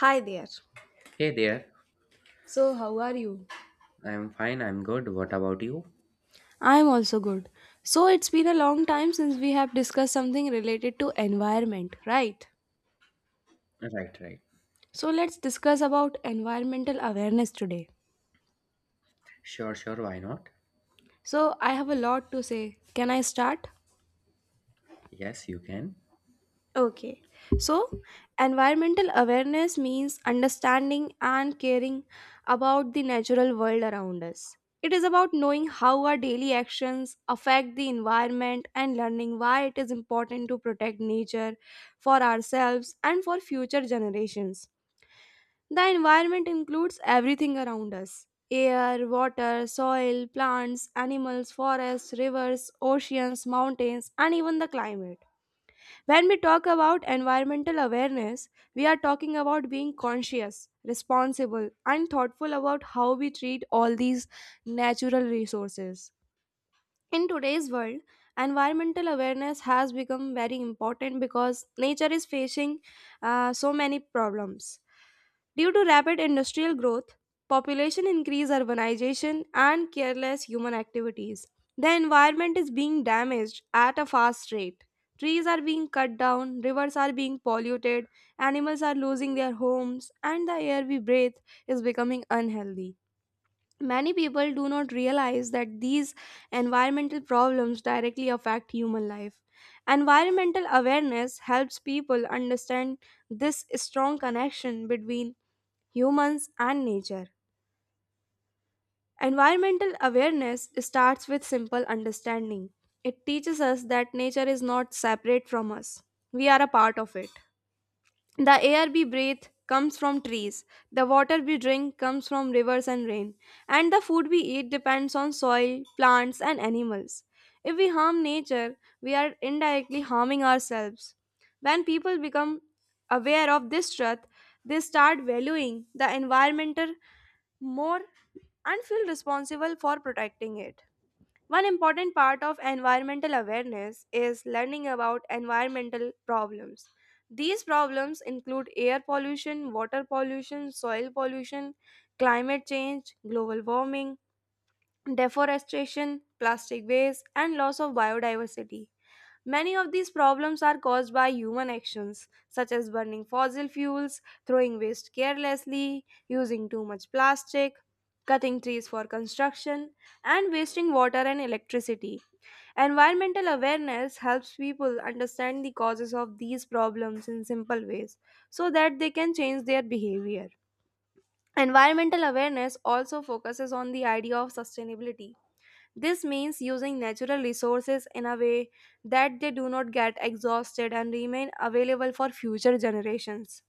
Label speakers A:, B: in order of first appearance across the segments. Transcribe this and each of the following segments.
A: Hi there.
B: Hey there.
A: So, how are you?
B: I'm fine, I'm good. What about you?
A: I'm also good. So, it's been a long time since we have discussed something related to environment, right?
B: Right, right.
A: So, let's discuss about environmental awareness today.
B: Sure, sure, why not?
A: So, I have a lot to say. Can I start?
B: Yes, you can.
A: Okay. So, environmental awareness means understanding and caring about the natural world around us. It is about knowing how our daily actions affect the environment and learning why it is important to protect nature for ourselves and for future generations. The environment includes everything around us: air, water, soil, plants, animals, forests, rivers, oceans, mountains, and even the climate. When we talk about environmental awareness, we are talking about being conscious, responsible, and thoughtful about how we treat all these natural resources. In today's world, environmental awareness has become very important because nature is facing so many problems. Due to rapid industrial growth, population increase, urbanization, and careless human activities, the environment is being damaged at a fast rate. Trees are being cut down, rivers are being polluted, animals are losing their homes, and the air we breathe is becoming unhealthy. Many people do not realize that these environmental problems directly affect human life. Environmental awareness helps people understand this strong connection between humans and nature. Environmental awareness starts with simple understanding. It teaches us that nature is not separate from us, we are a part of it. The air we breathe comes from trees, the water we drink comes from rivers and rain, and the food we eat depends on soil, plants, and animals. If we harm nature, we are indirectly harming ourselves. When people become aware of this truth, they start valuing the environment more and feel responsible for protecting it. One important part of environmental awareness is learning about environmental problems. These problems include air pollution, water pollution, soil pollution, climate change, global warming, deforestation, plastic waste, and loss of biodiversity. Many of these problems are caused by human actions, such as burning fossil fuels, throwing waste carelessly, using too much plastic, cutting trees for construction, and wasting water and electricity. Environmental awareness helps people understand the causes of these problems in simple ways so that they can change their behavior. Environmental awareness also focuses on the idea of sustainability. This means using natural resources in a way that they do not get exhausted and remain available for future generations.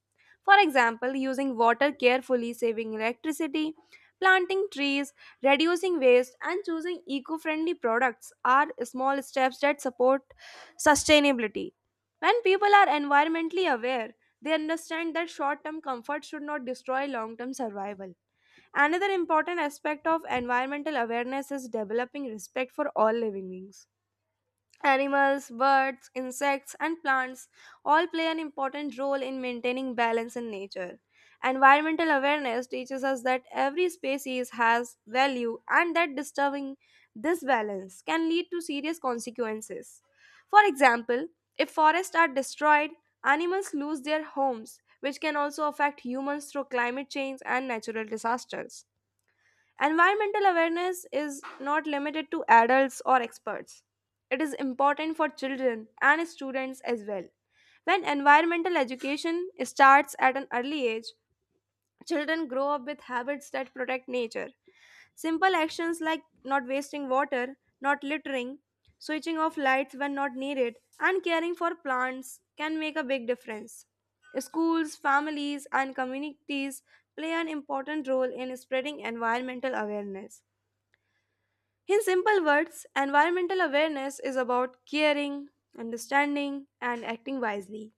A: For example, using water carefully, saving electricity, planting trees, reducing waste, and choosing eco friendly products are small steps that support sustainability. When people are environmentally aware, they understand that short term comfort should not destroy long term survival. Another important aspect of environmental awareness is developing respect for all living beings. Animals, birds, insects, and plants all play an important role in maintaining balance in nature. Environmental awareness teaches us that every species has value and that disturbing this balance can lead to serious consequences. For example, if forests are destroyed, animals lose their homes, which can also affect humans through climate change and natural disasters. Environmental awareness is not limited to adults or experts. It is important for children and students as well. When environmental education starts at an early age, children grow up with habits that protect nature. Simple actions like not wasting water, not littering, switching off lights when not needed, and caring for plants can make a big difference. Schools, families, and communities play an important role in spreading environmental awareness. In simple words, environmental awareness is about caring, understanding, and acting wisely.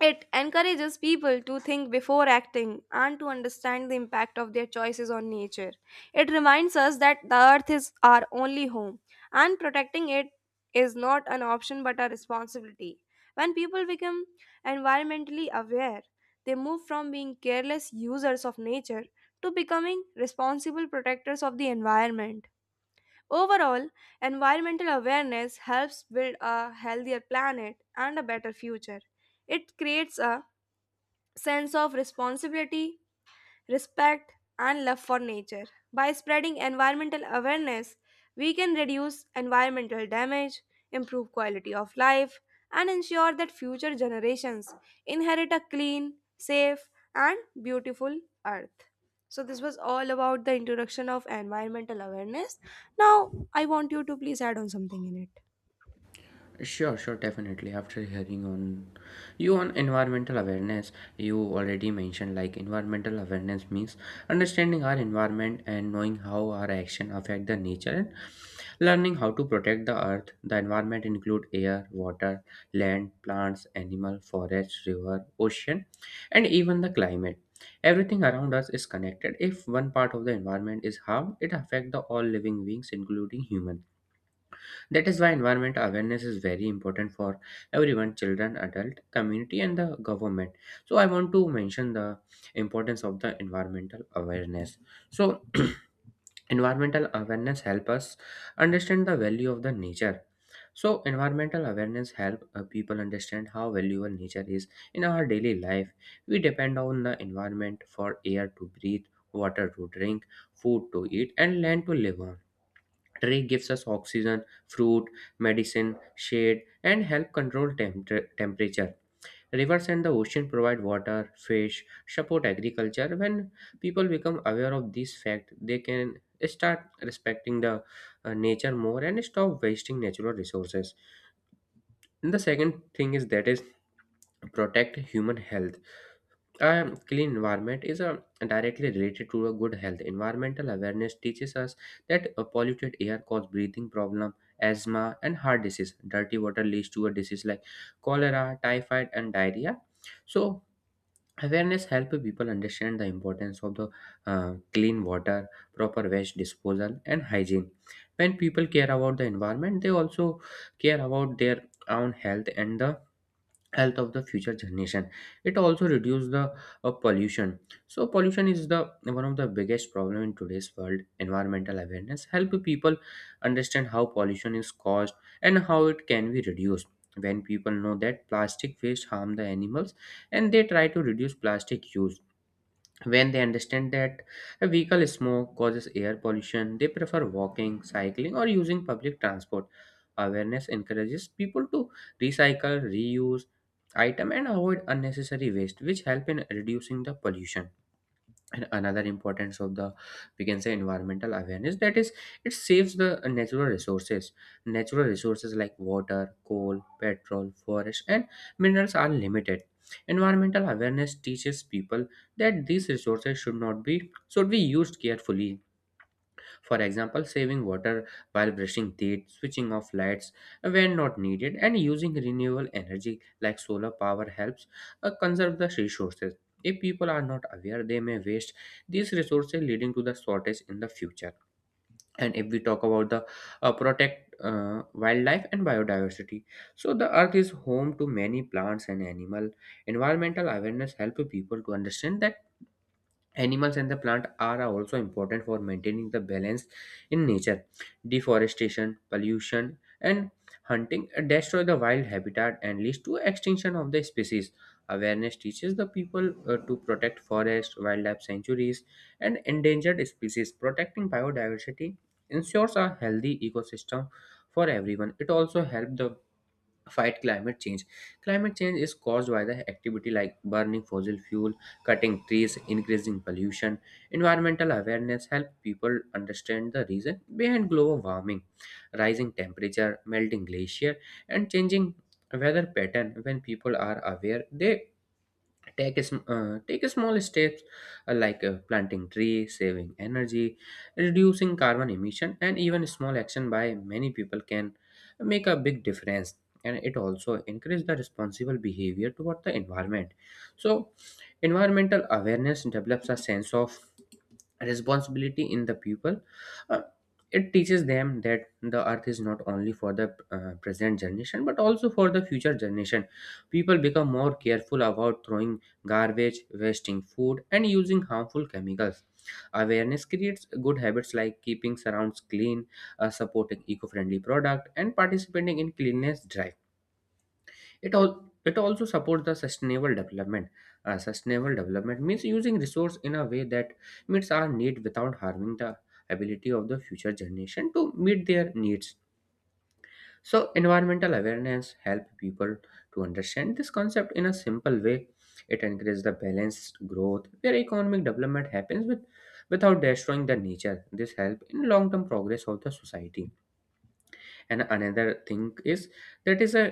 A: It encourages people to think before acting and to understand the impact of their choices on nature. It reminds us that the earth is our only home and protecting it is not an option but a responsibility. When people become environmentally aware, they move from being careless users of nature to becoming responsible protectors of the environment. Overall, environmental awareness helps build a healthier planet and a better future. It creates a sense of responsibility, respect, and love for nature. By spreading environmental awareness, we can reduce environmental damage, improve quality of life, and ensure that future generations inherit a clean, safe, and beautiful earth. So, this was all about the introduction of environmental awareness. Now, I want you to please add on something in it.
B: Sure, sure, definitely. After hearing on you on environmental awareness, you already mentioned like environmental awareness means understanding our environment and knowing how our action affect the nature and learning how to protect the earth. The environment include air, water, land, plants, animal, forest, river, ocean, and even the climate. Everything around us is connected. If one part of the environment is harmed, it affect the all living beings, including human. That is why environment awareness is very important for everyone, children, adult, community, and the government. So I want to mention the importance of the environmental awareness. So environmental awareness help us understand the value of the nature. So environmental awareness help people understand how valuable nature is in our daily life. We depend on the environment for air to breathe, water to drink, food to eat, and land to live on. Tree gives us oxygen, fruit, medicine, shade, and help control temperature. Rivers and the ocean provide water, fish, support agriculture. When people become aware of these facts, they can start respecting the nature more and stop wasting natural resources. And the second thing is that is protect human health. A clean environment is directly related to a good health. Environmental awareness teaches us that a polluted air causes breathing problem, asthma, and heart disease. Dirty water leads to a disease like cholera, typhoid, and diarrhea. So awareness helps people understand the importance of the clean water, proper waste disposal, and hygiene. When people care about the environment, they also care about their own health and the health of the future generation. It also reduce the pollution. So pollution is the one of the biggest problem in today's world. Environmental awareness help people understand how pollution is caused and how it can be reduced. When people know that plastic waste harm the animals, and they try to reduce plastic use. When they understand that a vehicle smoke causes air pollution, they prefer walking, cycling, or using public transport. Awareness encourages people to recycle, reuse item and avoid unnecessary waste, which help in reducing the pollution. And another importance of the, we can say, environmental awareness, that is it saves the natural resources. Natural resources like water, coal, petrol, forest, and minerals are limited. Environmental awareness teaches people that these resources should not be, should be used carefully. For example, saving water while brushing teeth, switching off lights when not needed, and using renewable energy like solar power helps conserve the resources. If people are not aware, they may waste these resources, leading to the shortage in the future. And if we talk about the protect wildlife and biodiversity, so the earth is home to many plants and animal. Environmental awareness help people to understand that animals and the plant are also important for maintaining the balance in nature. Deforestation, pollution, and hunting destroy the wild habitat and leads to extinction of the species. Awareness teaches the people to protect forests, wildlife sanctuaries, and endangered species. Protecting biodiversity ensures a healthy ecosystem for everyone. It also helps the fight climate change. Climate change is caused by the activity like burning fossil fuel, cutting trees, increasing pollution. Environmental awareness helps people understand the reason behind global warming, rising temperature, melting glacier, and changing weather pattern. When people are aware, they take a small steps like planting tree, saving energy, reducing carbon emission, and even small action by many people can make a big difference. And it also encourage the responsible behavior toward the environment. So environmental awareness develops a sense of responsibility in the people. Uh, it teaches them that the earth is not only for the present generation but also for the future generation. People become more careful about throwing garbage, wasting food, and using harmful chemicals. Awareness creates good habits like keeping surrounds clean, supporting eco-friendly product, and participating in cleanliness drive. It all, it also supports the sustainable development. Sustainable development means using resource in a way that meets our need without harming the ability of the future generation to meet their needs. So environmental awareness help people to understand this concept in a simple way. It encourages the balanced growth where economic development happens with without destroying the nature. This help in long term progress of the society. And another thing is, that is a,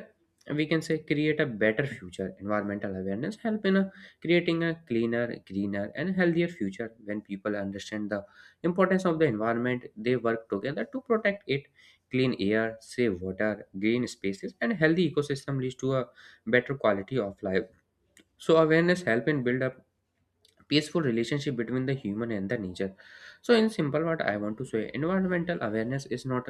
B: we can say, create a better future. Environmental awareness help in creating a cleaner greener and healthier future. When people understand the importance of the environment, they work together to protect it. Clean air, safe water, green spaces, and healthy ecosystem leads to a better quality of life. So awareness help in build up peaceful relationship between the human and the nature. So in simple, what I want to say, environmental awareness is not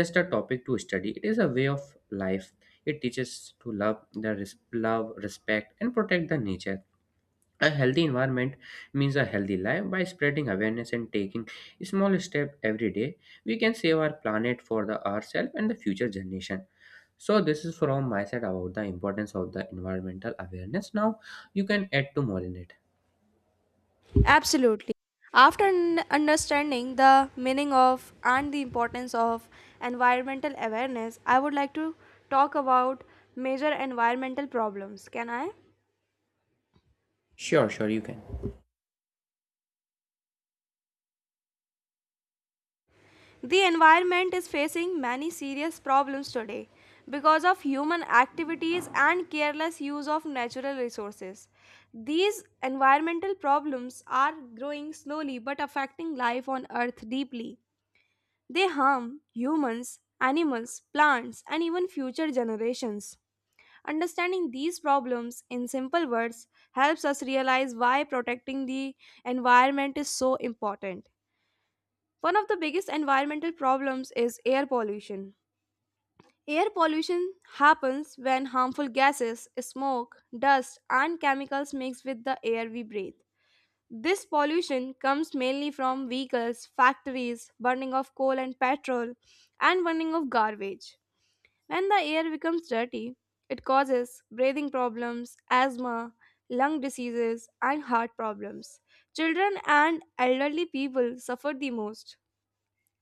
B: just a topic to study, it is a way of life. It teaches to love the love respect and protect the nature. A healthy environment means a healthy life. By spreading awareness and taking small step every day, we can save our planet for the ourselves and the future generation. So this is from my side about the importance of the environmental awareness. Now you can add to more in it.
A: Absolutely. After understanding the meaning of and the importance of environmental awareness, I would like to talk about major environmental problems. Can I?
B: Sure, sure, you can.
A: The environment is facing many serious problems today because of human activities and careless use of natural resources. These environmental problems are growing slowly but affecting life on earth deeply. They harm humans, animals, plants, and even future generations. Understanding these problems in simple words helps us realize why protecting the environment is so important. One of the biggest environmental problems is air pollution. Air pollution happens when harmful gases, smoke, dust, and chemicals mix with the air we breathe. This pollution comes mainly from vehicles, factories, burning of coal and petrol, and burning of garbage. When the air becomes dirty, it causes breathing problems, asthma, lung diseases, and heart problems. Children and elderly people suffer the most.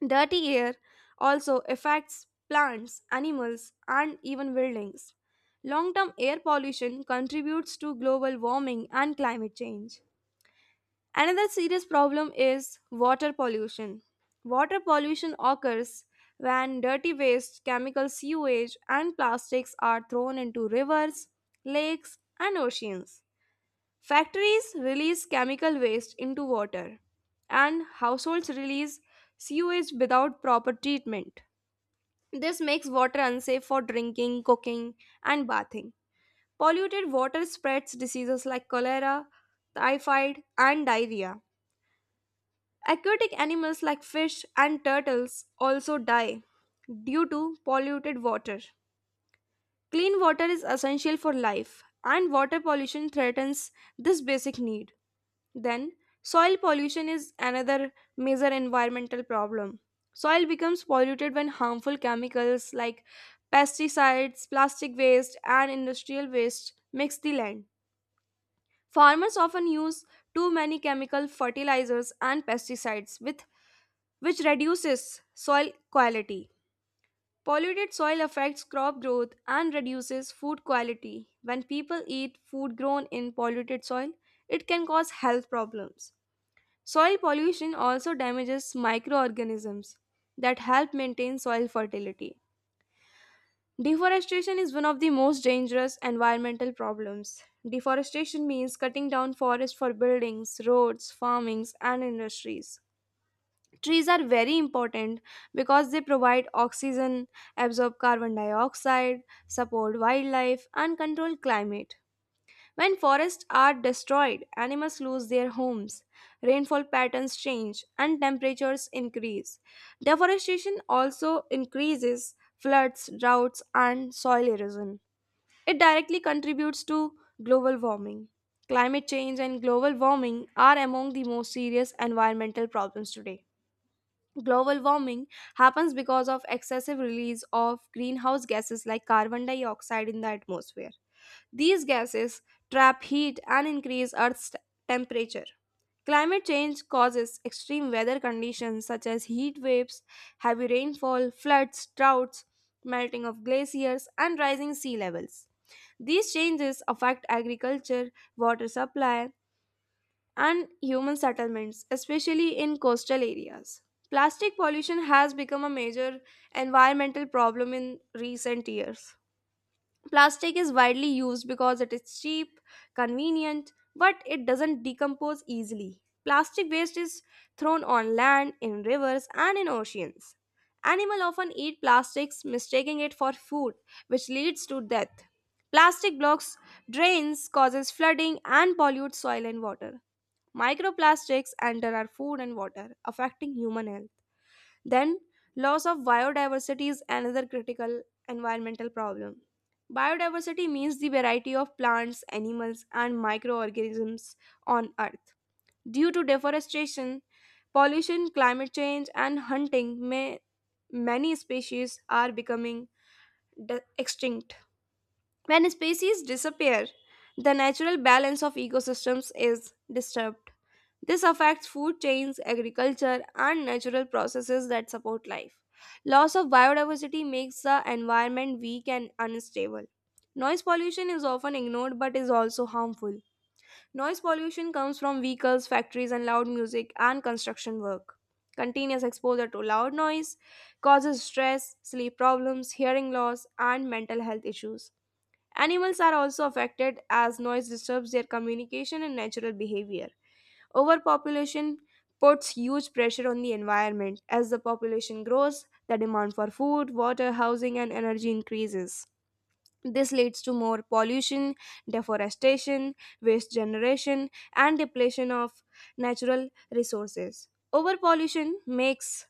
A: Dirty air also affects plants, animals, and even buildings. Long term air pollution contributes to global warming and climate change. Another serious problem is water pollution. Water pollution occurs when dirty waste, chemical sewage, and plastics are thrown into rivers, lakes, and oceans. Factories release chemical waste into water, and households release sewage without proper treatment. This makes water unsafe for drinking, cooking, and bathing. Polluted water spreads diseases like cholera, typhoid, and diarrhea. Aquatic animals like fish and turtles also die due to polluted water. Clean water is essential for life, and water pollution threatens this basic need. Then, soil pollution is another major environmental problem. Soil becomes polluted when harmful chemicals like pesticides, plastic waste, and industrial waste mix the land. Farmers often use too many chemical fertilizers and pesticides with which reduces soil quality. Polluted soil affects crop growth and reduces food quality. When people eat food grown in polluted soil, it can cause health problems. Soil pollution also damages microorganisms that help maintain soil fertility. Deforestation is one of the most dangerous environmental problems. Deforestation means cutting down forests for buildings, roads, farmings, and industries. Trees are very important because they provide oxygen, absorb carbon dioxide, support wildlife, and control climate. When forests are destroyed, animals lose their homes, rainfall patterns change, and temperatures increase. Deforestation also increases floods, droughts, and soil erosion. It directly contributes to global warming. Climate change and global warming are among the most serious environmental problems today. Global warming happens because of excessive release of greenhouse gases like carbon dioxide in the atmosphere. These gases trap heat and increase temperature. Climate change causes extreme weather conditions such as heat waves, heavy rainfall, floods, droughts, melting of glaciers, and rising sea levels. These changes affect agriculture, water supply, and human settlements, especially in coastal areas. Plastic pollution has become a major environmental problem in recent years. Plastic is widely used because it is cheap, convenient, but it doesn't decompose easily. Plastic waste is thrown on land, in rivers, and in oceans. Animals often eat plastics, mistaking it for food, which leads to death. Plastic blocks drains, causes flooding, and pollutes soil and water. Microplastics enter our food and water, affecting human health. Then, loss of biodiversity is another critical environmental problem. Biodiversity means the variety of plants, animals, and microorganisms on Earth. Due to deforestation, pollution, climate change, and hunting, many species are becoming extinct. When species disappear, the natural balance of ecosystems is disturbed. This affects food chains, agriculture, and natural processes that support life. Loss of biodiversity makes the environment weak and unstable. Noise pollution is often ignored but is also harmful. Noise pollution comes from vehicles, factories, and loud music and construction work. Continuous exposure to loud noise causes stress, sleep problems, hearing loss, and mental health issues. Animals are also affected as noise disturbs their communication and natural behavior. Overpopulation puts huge pressure on the environment. As the population grows, the demand for food, water, housing, and energy increases. This leads to more pollution, deforestation, waste generation, and depletion of natural resources. Overpollution makes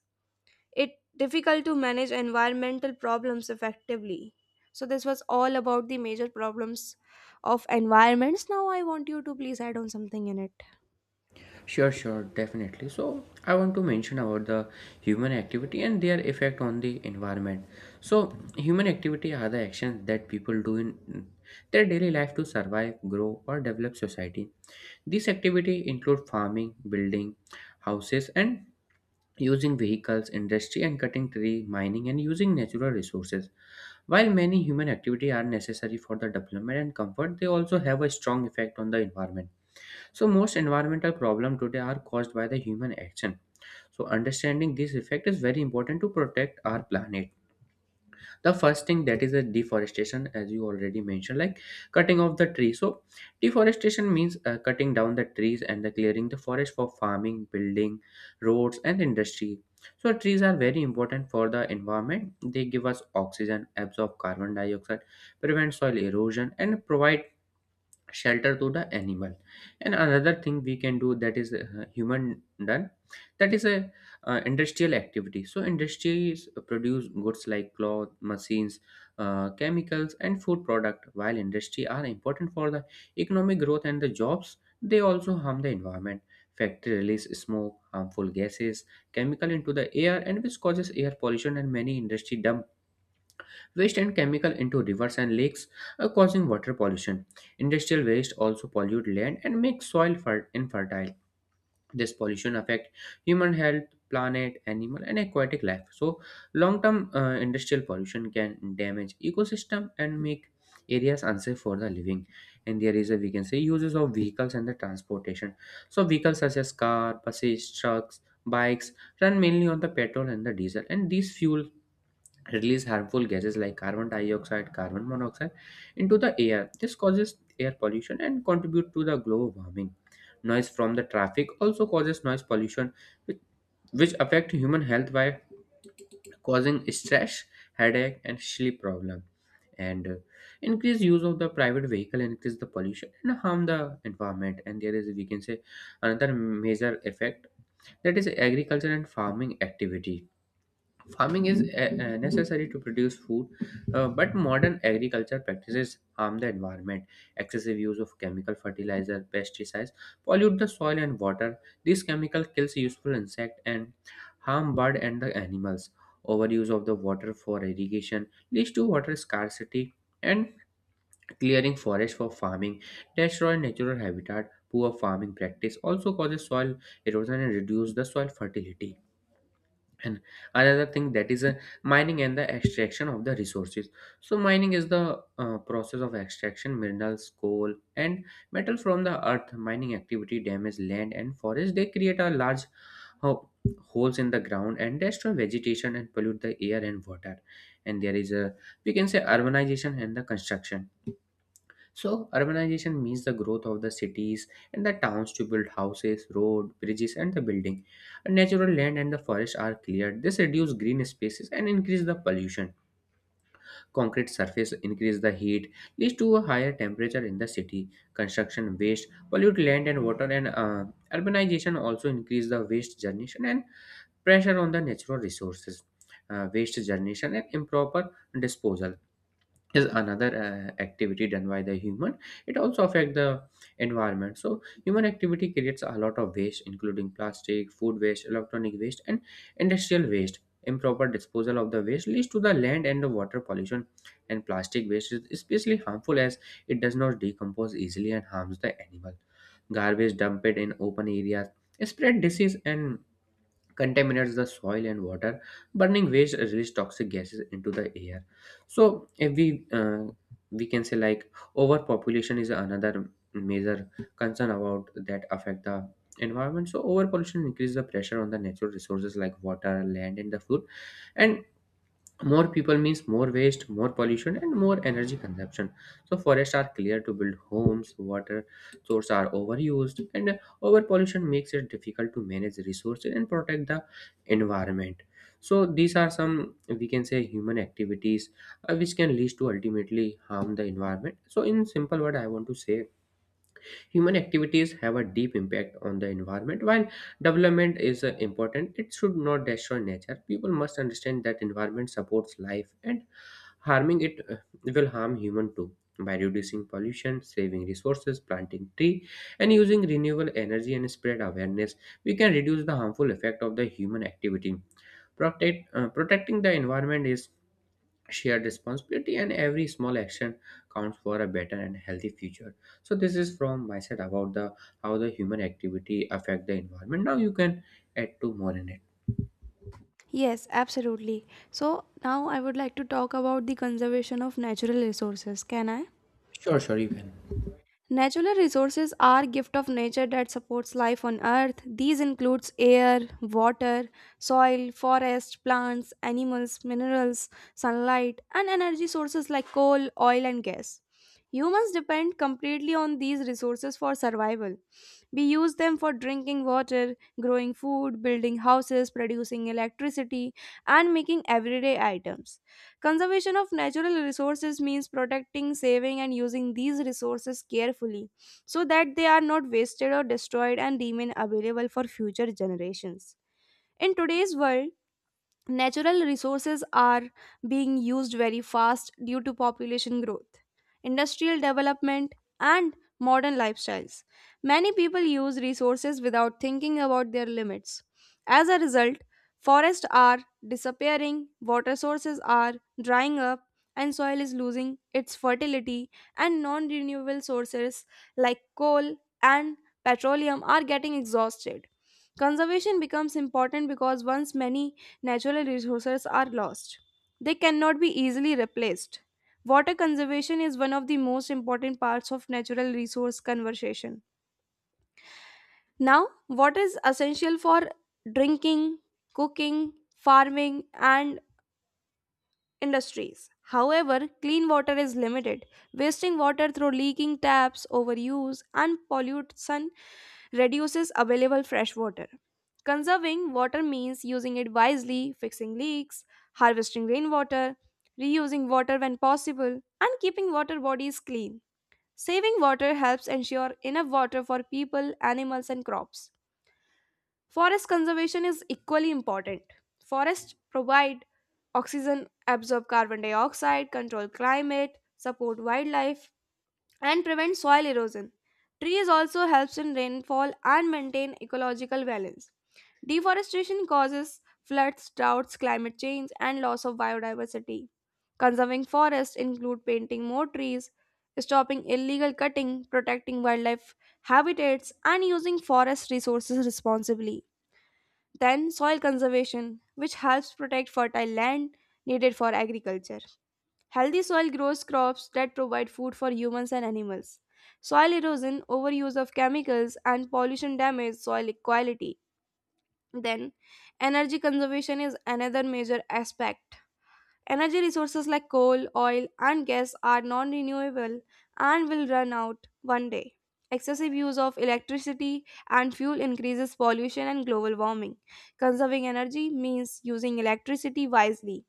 A: it difficult to manage environmental problems effectively. So this was all about the major problems of environments. Now I want you to please add on something in it.
B: Sure, sure, definitely. So, I want to mention about the human activity and their effect on the environment. So, human activity are the actions that people do in their daily life to survive, grow, or develop society. These activity include farming, building houses, and using vehicles, industry, and cutting tree, mining, and using natural resources. While many human activity are necessary for the development and comfort, they also have a strong effect on the environment. So most environmental problems today are caused by the human action. So understanding this effect is very important to protect our planet. The first thing that is a deforestation, as you already mentioned, like cutting off the tree. So deforestation means cutting down the trees and the clearing the forest for farming, building, roads, and industry. So trees are very important for the environment. They give us oxygen, absorb carbon dioxide, prevent soil erosion, and provide shelter to the animal. And another thing we can do, that is human done, that is a industrial activity. So industries produce goods like cloth, machines, chemicals, and food product. While industry are important for the economic growth and the jobs, they also harm the environment. Factory release smoke, harmful gases, chemical into the air, and which causes air pollution. And many industry dump waste and chemical into rivers and lakes, causing water pollution. Industrial waste also pollute land and make soil infertile. This pollution affect human health, planet, animal, and aquatic life. So, long-term industrial pollution can damage ecosystem and make areas unsafe for the living. And there is a, we can say, uses of vehicles and the transportation. So, vehicles such as car, buses, trucks, bikes run mainly on the petrol and the diesel, and these fuel release harmful gases like carbon dioxide, carbon monoxide into the air. This causes air pollution and contribute to the global warming. Noise from the traffic also causes noise pollution, which, which affect human health by causing stress, headache, and sleep problem. And increased use of the private vehicle increase the pollution and harm the environment. And there is, we can say, another major effect, that is agriculture and farming activity. Farming is necessary to produce food, but modern agriculture practices harm the environment. Excessive use of chemical fertilizer, pesticides pollute the soil and water. This chemical kills useful insect and harm bird and the animals. Overuse of the water for irrigation leads to water scarcity. And clearing forest for farming destroy natural habitat. Poor farming practice also causes soil erosion and reduce the soil fertility. And another thing, that is a mining and the extraction of the resources. So mining is the process of extraction minerals, coal, and metal from the earth. Mining activity damage land and forest. They create a large ho- holes in the ground and destroy vegetation and pollute the air and water. And there is a, we can say, urbanization and the construction. So, urbanization means the growth of the cities and the towns to build houses, road, bridges, and the building. Natural land and the forest are cleared. This reduce green spaces and increase the pollution. Concrete surface increase the heat, leads to a higher temperature in the city. Construction waste pollute land and water, and urbanization also increase the waste generation and pressure on the natural resources. Waste generation and improper disposal is another activity done by the human. It also affect the environment. So human activity creates a lot of waste, including plastic, food waste, electronic waste, and industrial waste. Improper disposal of the waste leads to the land and the water pollution, and plastic waste is especially harmful as it does not decompose easily and harms the animal. Garbage dumped in open areas spread disease and contaminates the soil and water. Burning waste release toxic gases into the air. So if we can say, like, overpopulation is another major concern about that affect the environment. So overpollution increases the pressure on the natural resources like water, land, and the food, and more people means more waste, more pollution, and more energy consumption. So forests are cleared to build homes, water sources are overused, and overpollution makes it difficult to manage resources and protect the environment. So these are some, we can say, human activities which can lead to ultimately harm the environment. So in simple word, I want to say human activities have a deep impact on the environment. While development is important, it should not destroy nature. People must understand that environment supports life and harming it will harm human too. By reducing pollution, saving resources, planting tree, and using renewable energy and spread awareness, we can reduce the harmful effect of the human activity. Protecting the environment is shared responsibility, and every small action counts for a better and healthy future. So this is from my side about the how the human activity affect the environment. Now you can add to more in it.
A: Yes, absolutely. So now I would like to talk about the conservation of natural resources. Can I?
B: Sure, sure, you can.
A: Natural resources are gift of nature that supports life on earth. These includes air, water, soil, forest, plants, animals, minerals, sunlight, and energy sources like coal, oil and gas. Humans depend completely on these resources for survival. We use them for drinking water, growing food, building houses, producing electricity, and making everyday items. Conservation of natural resources means protecting, saving, and using these resources carefully so that they are not wasted or destroyed and remain available for future generations. In today's world, natural resources are being used very fast due to population growth, industrial development, and modern lifestyles. Many people use resources without thinking about their limits. As a result, forests are disappearing, water sources are drying up, and soil is losing its fertility, and non renewable sources like coal and petroleum are getting exhausted. Conservation becomes important because once many natural resources are lost, they cannot be easily replaced. Water conservation is one of the most important parts of natural resource conservation. Now, water is essential for drinking, cooking, farming, and industries. However, clean water is limited. Wasting water through leaking taps, overuse, and pollution reduces available fresh water. Conserving water means using it wisely, fixing leaks, harvesting rainwater, reusing water when possible, and keeping water bodies clean. Saving water helps ensure enough water for people, animals, and crops. Forest conservation is equally important. Forests provide oxygen, absorb carbon dioxide, control climate, support wildlife, and prevent soil erosion. Trees also helps in rainfall and maintain ecological balance. Deforestation causes floods, droughts, climate change, and loss of biodiversity. Conserving forests include planting more trees, stopping illegal cutting, protecting wildlife habitats, and using forest resources responsibly. Then, soil conservation, which helps protect fertile land needed for agriculture. Healthy soil grows crops that provide food for humans and animals. Soil erosion, overuse of chemicals, and pollution damage soil quality. Then, energy conservation is another major aspect. Energy resources like coal, oil, and gas are non renewable and will run out one day. Excessive use of electricity and fuel increases pollution and global warming. Conserving energy means using electricity wisely,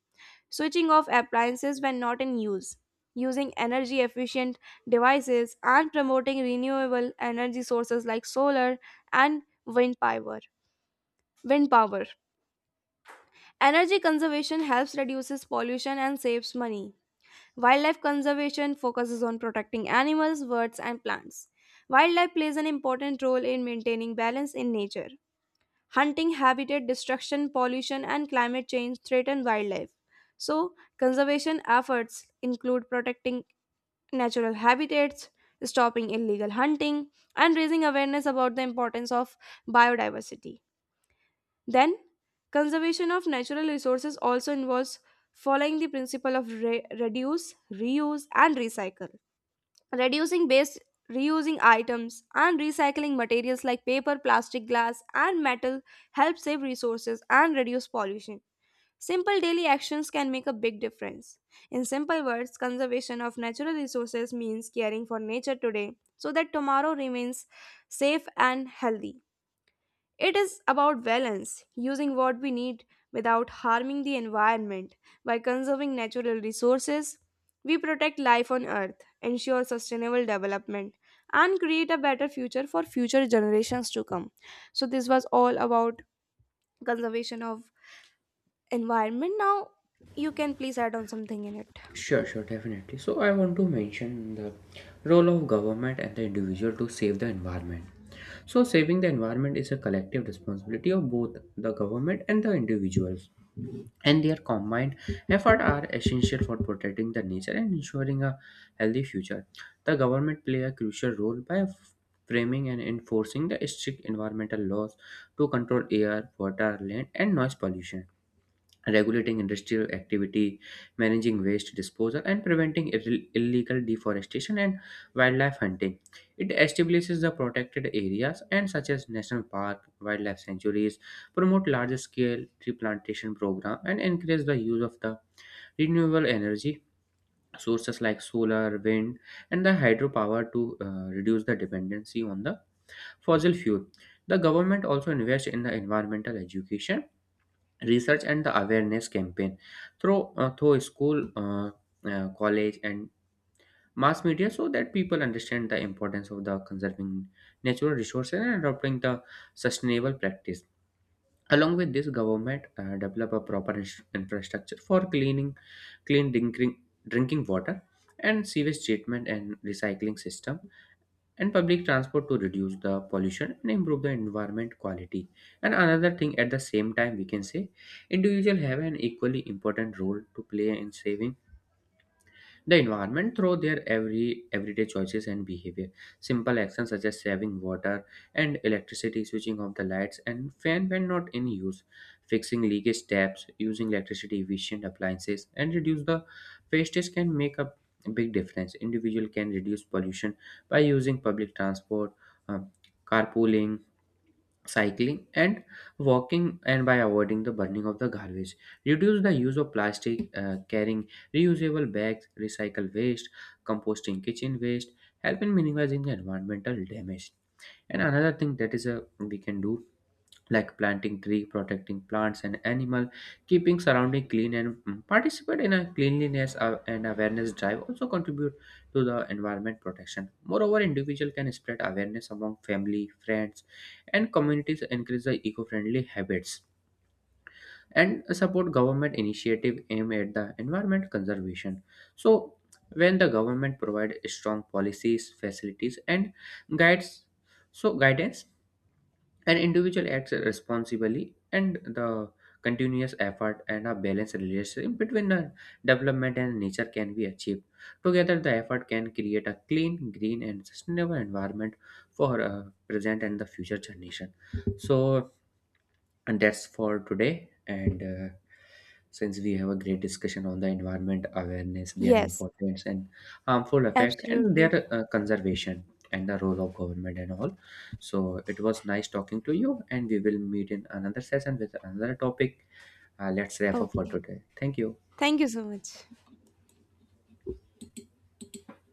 A: switching off appliances when not in use, using energy efficient devices, and promoting renewable energy sources like solar and wind power. Wind power. Energy conservation helps reduces pollution and saves money. Wildlife conservation focuses on protecting animals, birds, and plants. Wildlife plays an important role in maintaining balance in nature. Hunting, habitat destruction, pollution, and climate change threaten wildlife. So, conservation efforts include protecting natural habitats, stopping illegal hunting, and raising awareness about the importance of biodiversity. Then, conservation of natural resources also involves following the principle of reduce, reuse, and recycle. Reducing waste, reusing items, and recycling materials like paper, plastic, glass, and metal help save resources and reduce pollution. Simple daily actions can make a big difference. In simple words, conservation of natural resources means caring for nature today so that tomorrow remains safe and healthy. It is about balance, using what we need without harming the environment. By conserving natural resources, we protect life on Earth, ensure sustainable development, and create a better future for future generations to come. So, this was all about conservation of environment. Now, you can please add on something in it.
B: Sure, sure, definitely. So I want to mention the role of government and the individual to save the environment. So saving the environment is a collective responsibility of both the government and the individuals, and their combined effort are essential for protecting the nature and ensuring a healthy future. The government play a crucial role by framing and enforcing the strict environmental laws to control air, water, land, and noise pollution, regulating industrial activity, managing waste disposal, and preventing illegal deforestation and wildlife hunting. It establishes the protected areas and such as national park, wildlife sanctuaries, promote large-scale tree plantation program, and encourage the use of the renewable energy sources like solar, wind, and the hydropower to reduce the dependency on the fossil fuel. The government also invests in the environmental education, research, and the awareness campaign through through school, college, and mass media, so that people understand the importance of the conserving natural resources and adopting the sustainable practice. Along with this, government develop a proper infrastructure for clean drinking water and sewage treatment and recycling system and public transport to reduce the pollution and improve the environment quality. And another thing, at the same time, we can say individuals have an equally important role to play in saving the environment through their everyday choices and behavior. Simple actions such as saving water and electricity, switching off the lights and fan when not in use, fixing leakage taps, using electricity efficient appliances, and reduce the wastage can make a big difference. Individual can reduce pollution by using public transport, um, carpooling, cycling, and walking, and by avoiding the burning of the garbage. Reduce the use of plastic, carrying reusable bags, recycle waste, composting kitchen waste help in minimizing the environmental damage. And another thing that is a we can do, like planting tree, protecting plants and animal, keeping surrounding clean, and participate in a cleanliness and awareness drive also contribute to the environment protection. Moreover, individual can spread awareness among family, friends, and communities to encourage the eco-friendly habits and support government initiative aimed at the environment conservation. So when the government provide strong policies, facilities, and guides so guidance, an individual acts responsibly, and the continuous effort and a balanced relationship between the development and nature can be achieved. Together, the effort can create a clean, green, and sustainable environment for present and the future generation. So, and that's for today, and since we have a great discussion on the environment awareness, their
A: Yes,
B: importance and harmful effect and
A: absolutely.
B: their conservation and the role of government and all, so it was nice talking to you, and we will meet in another session with another topic. Let's wrap up for
A: Okay.
B: today. Thank you.
A: Thank you so much.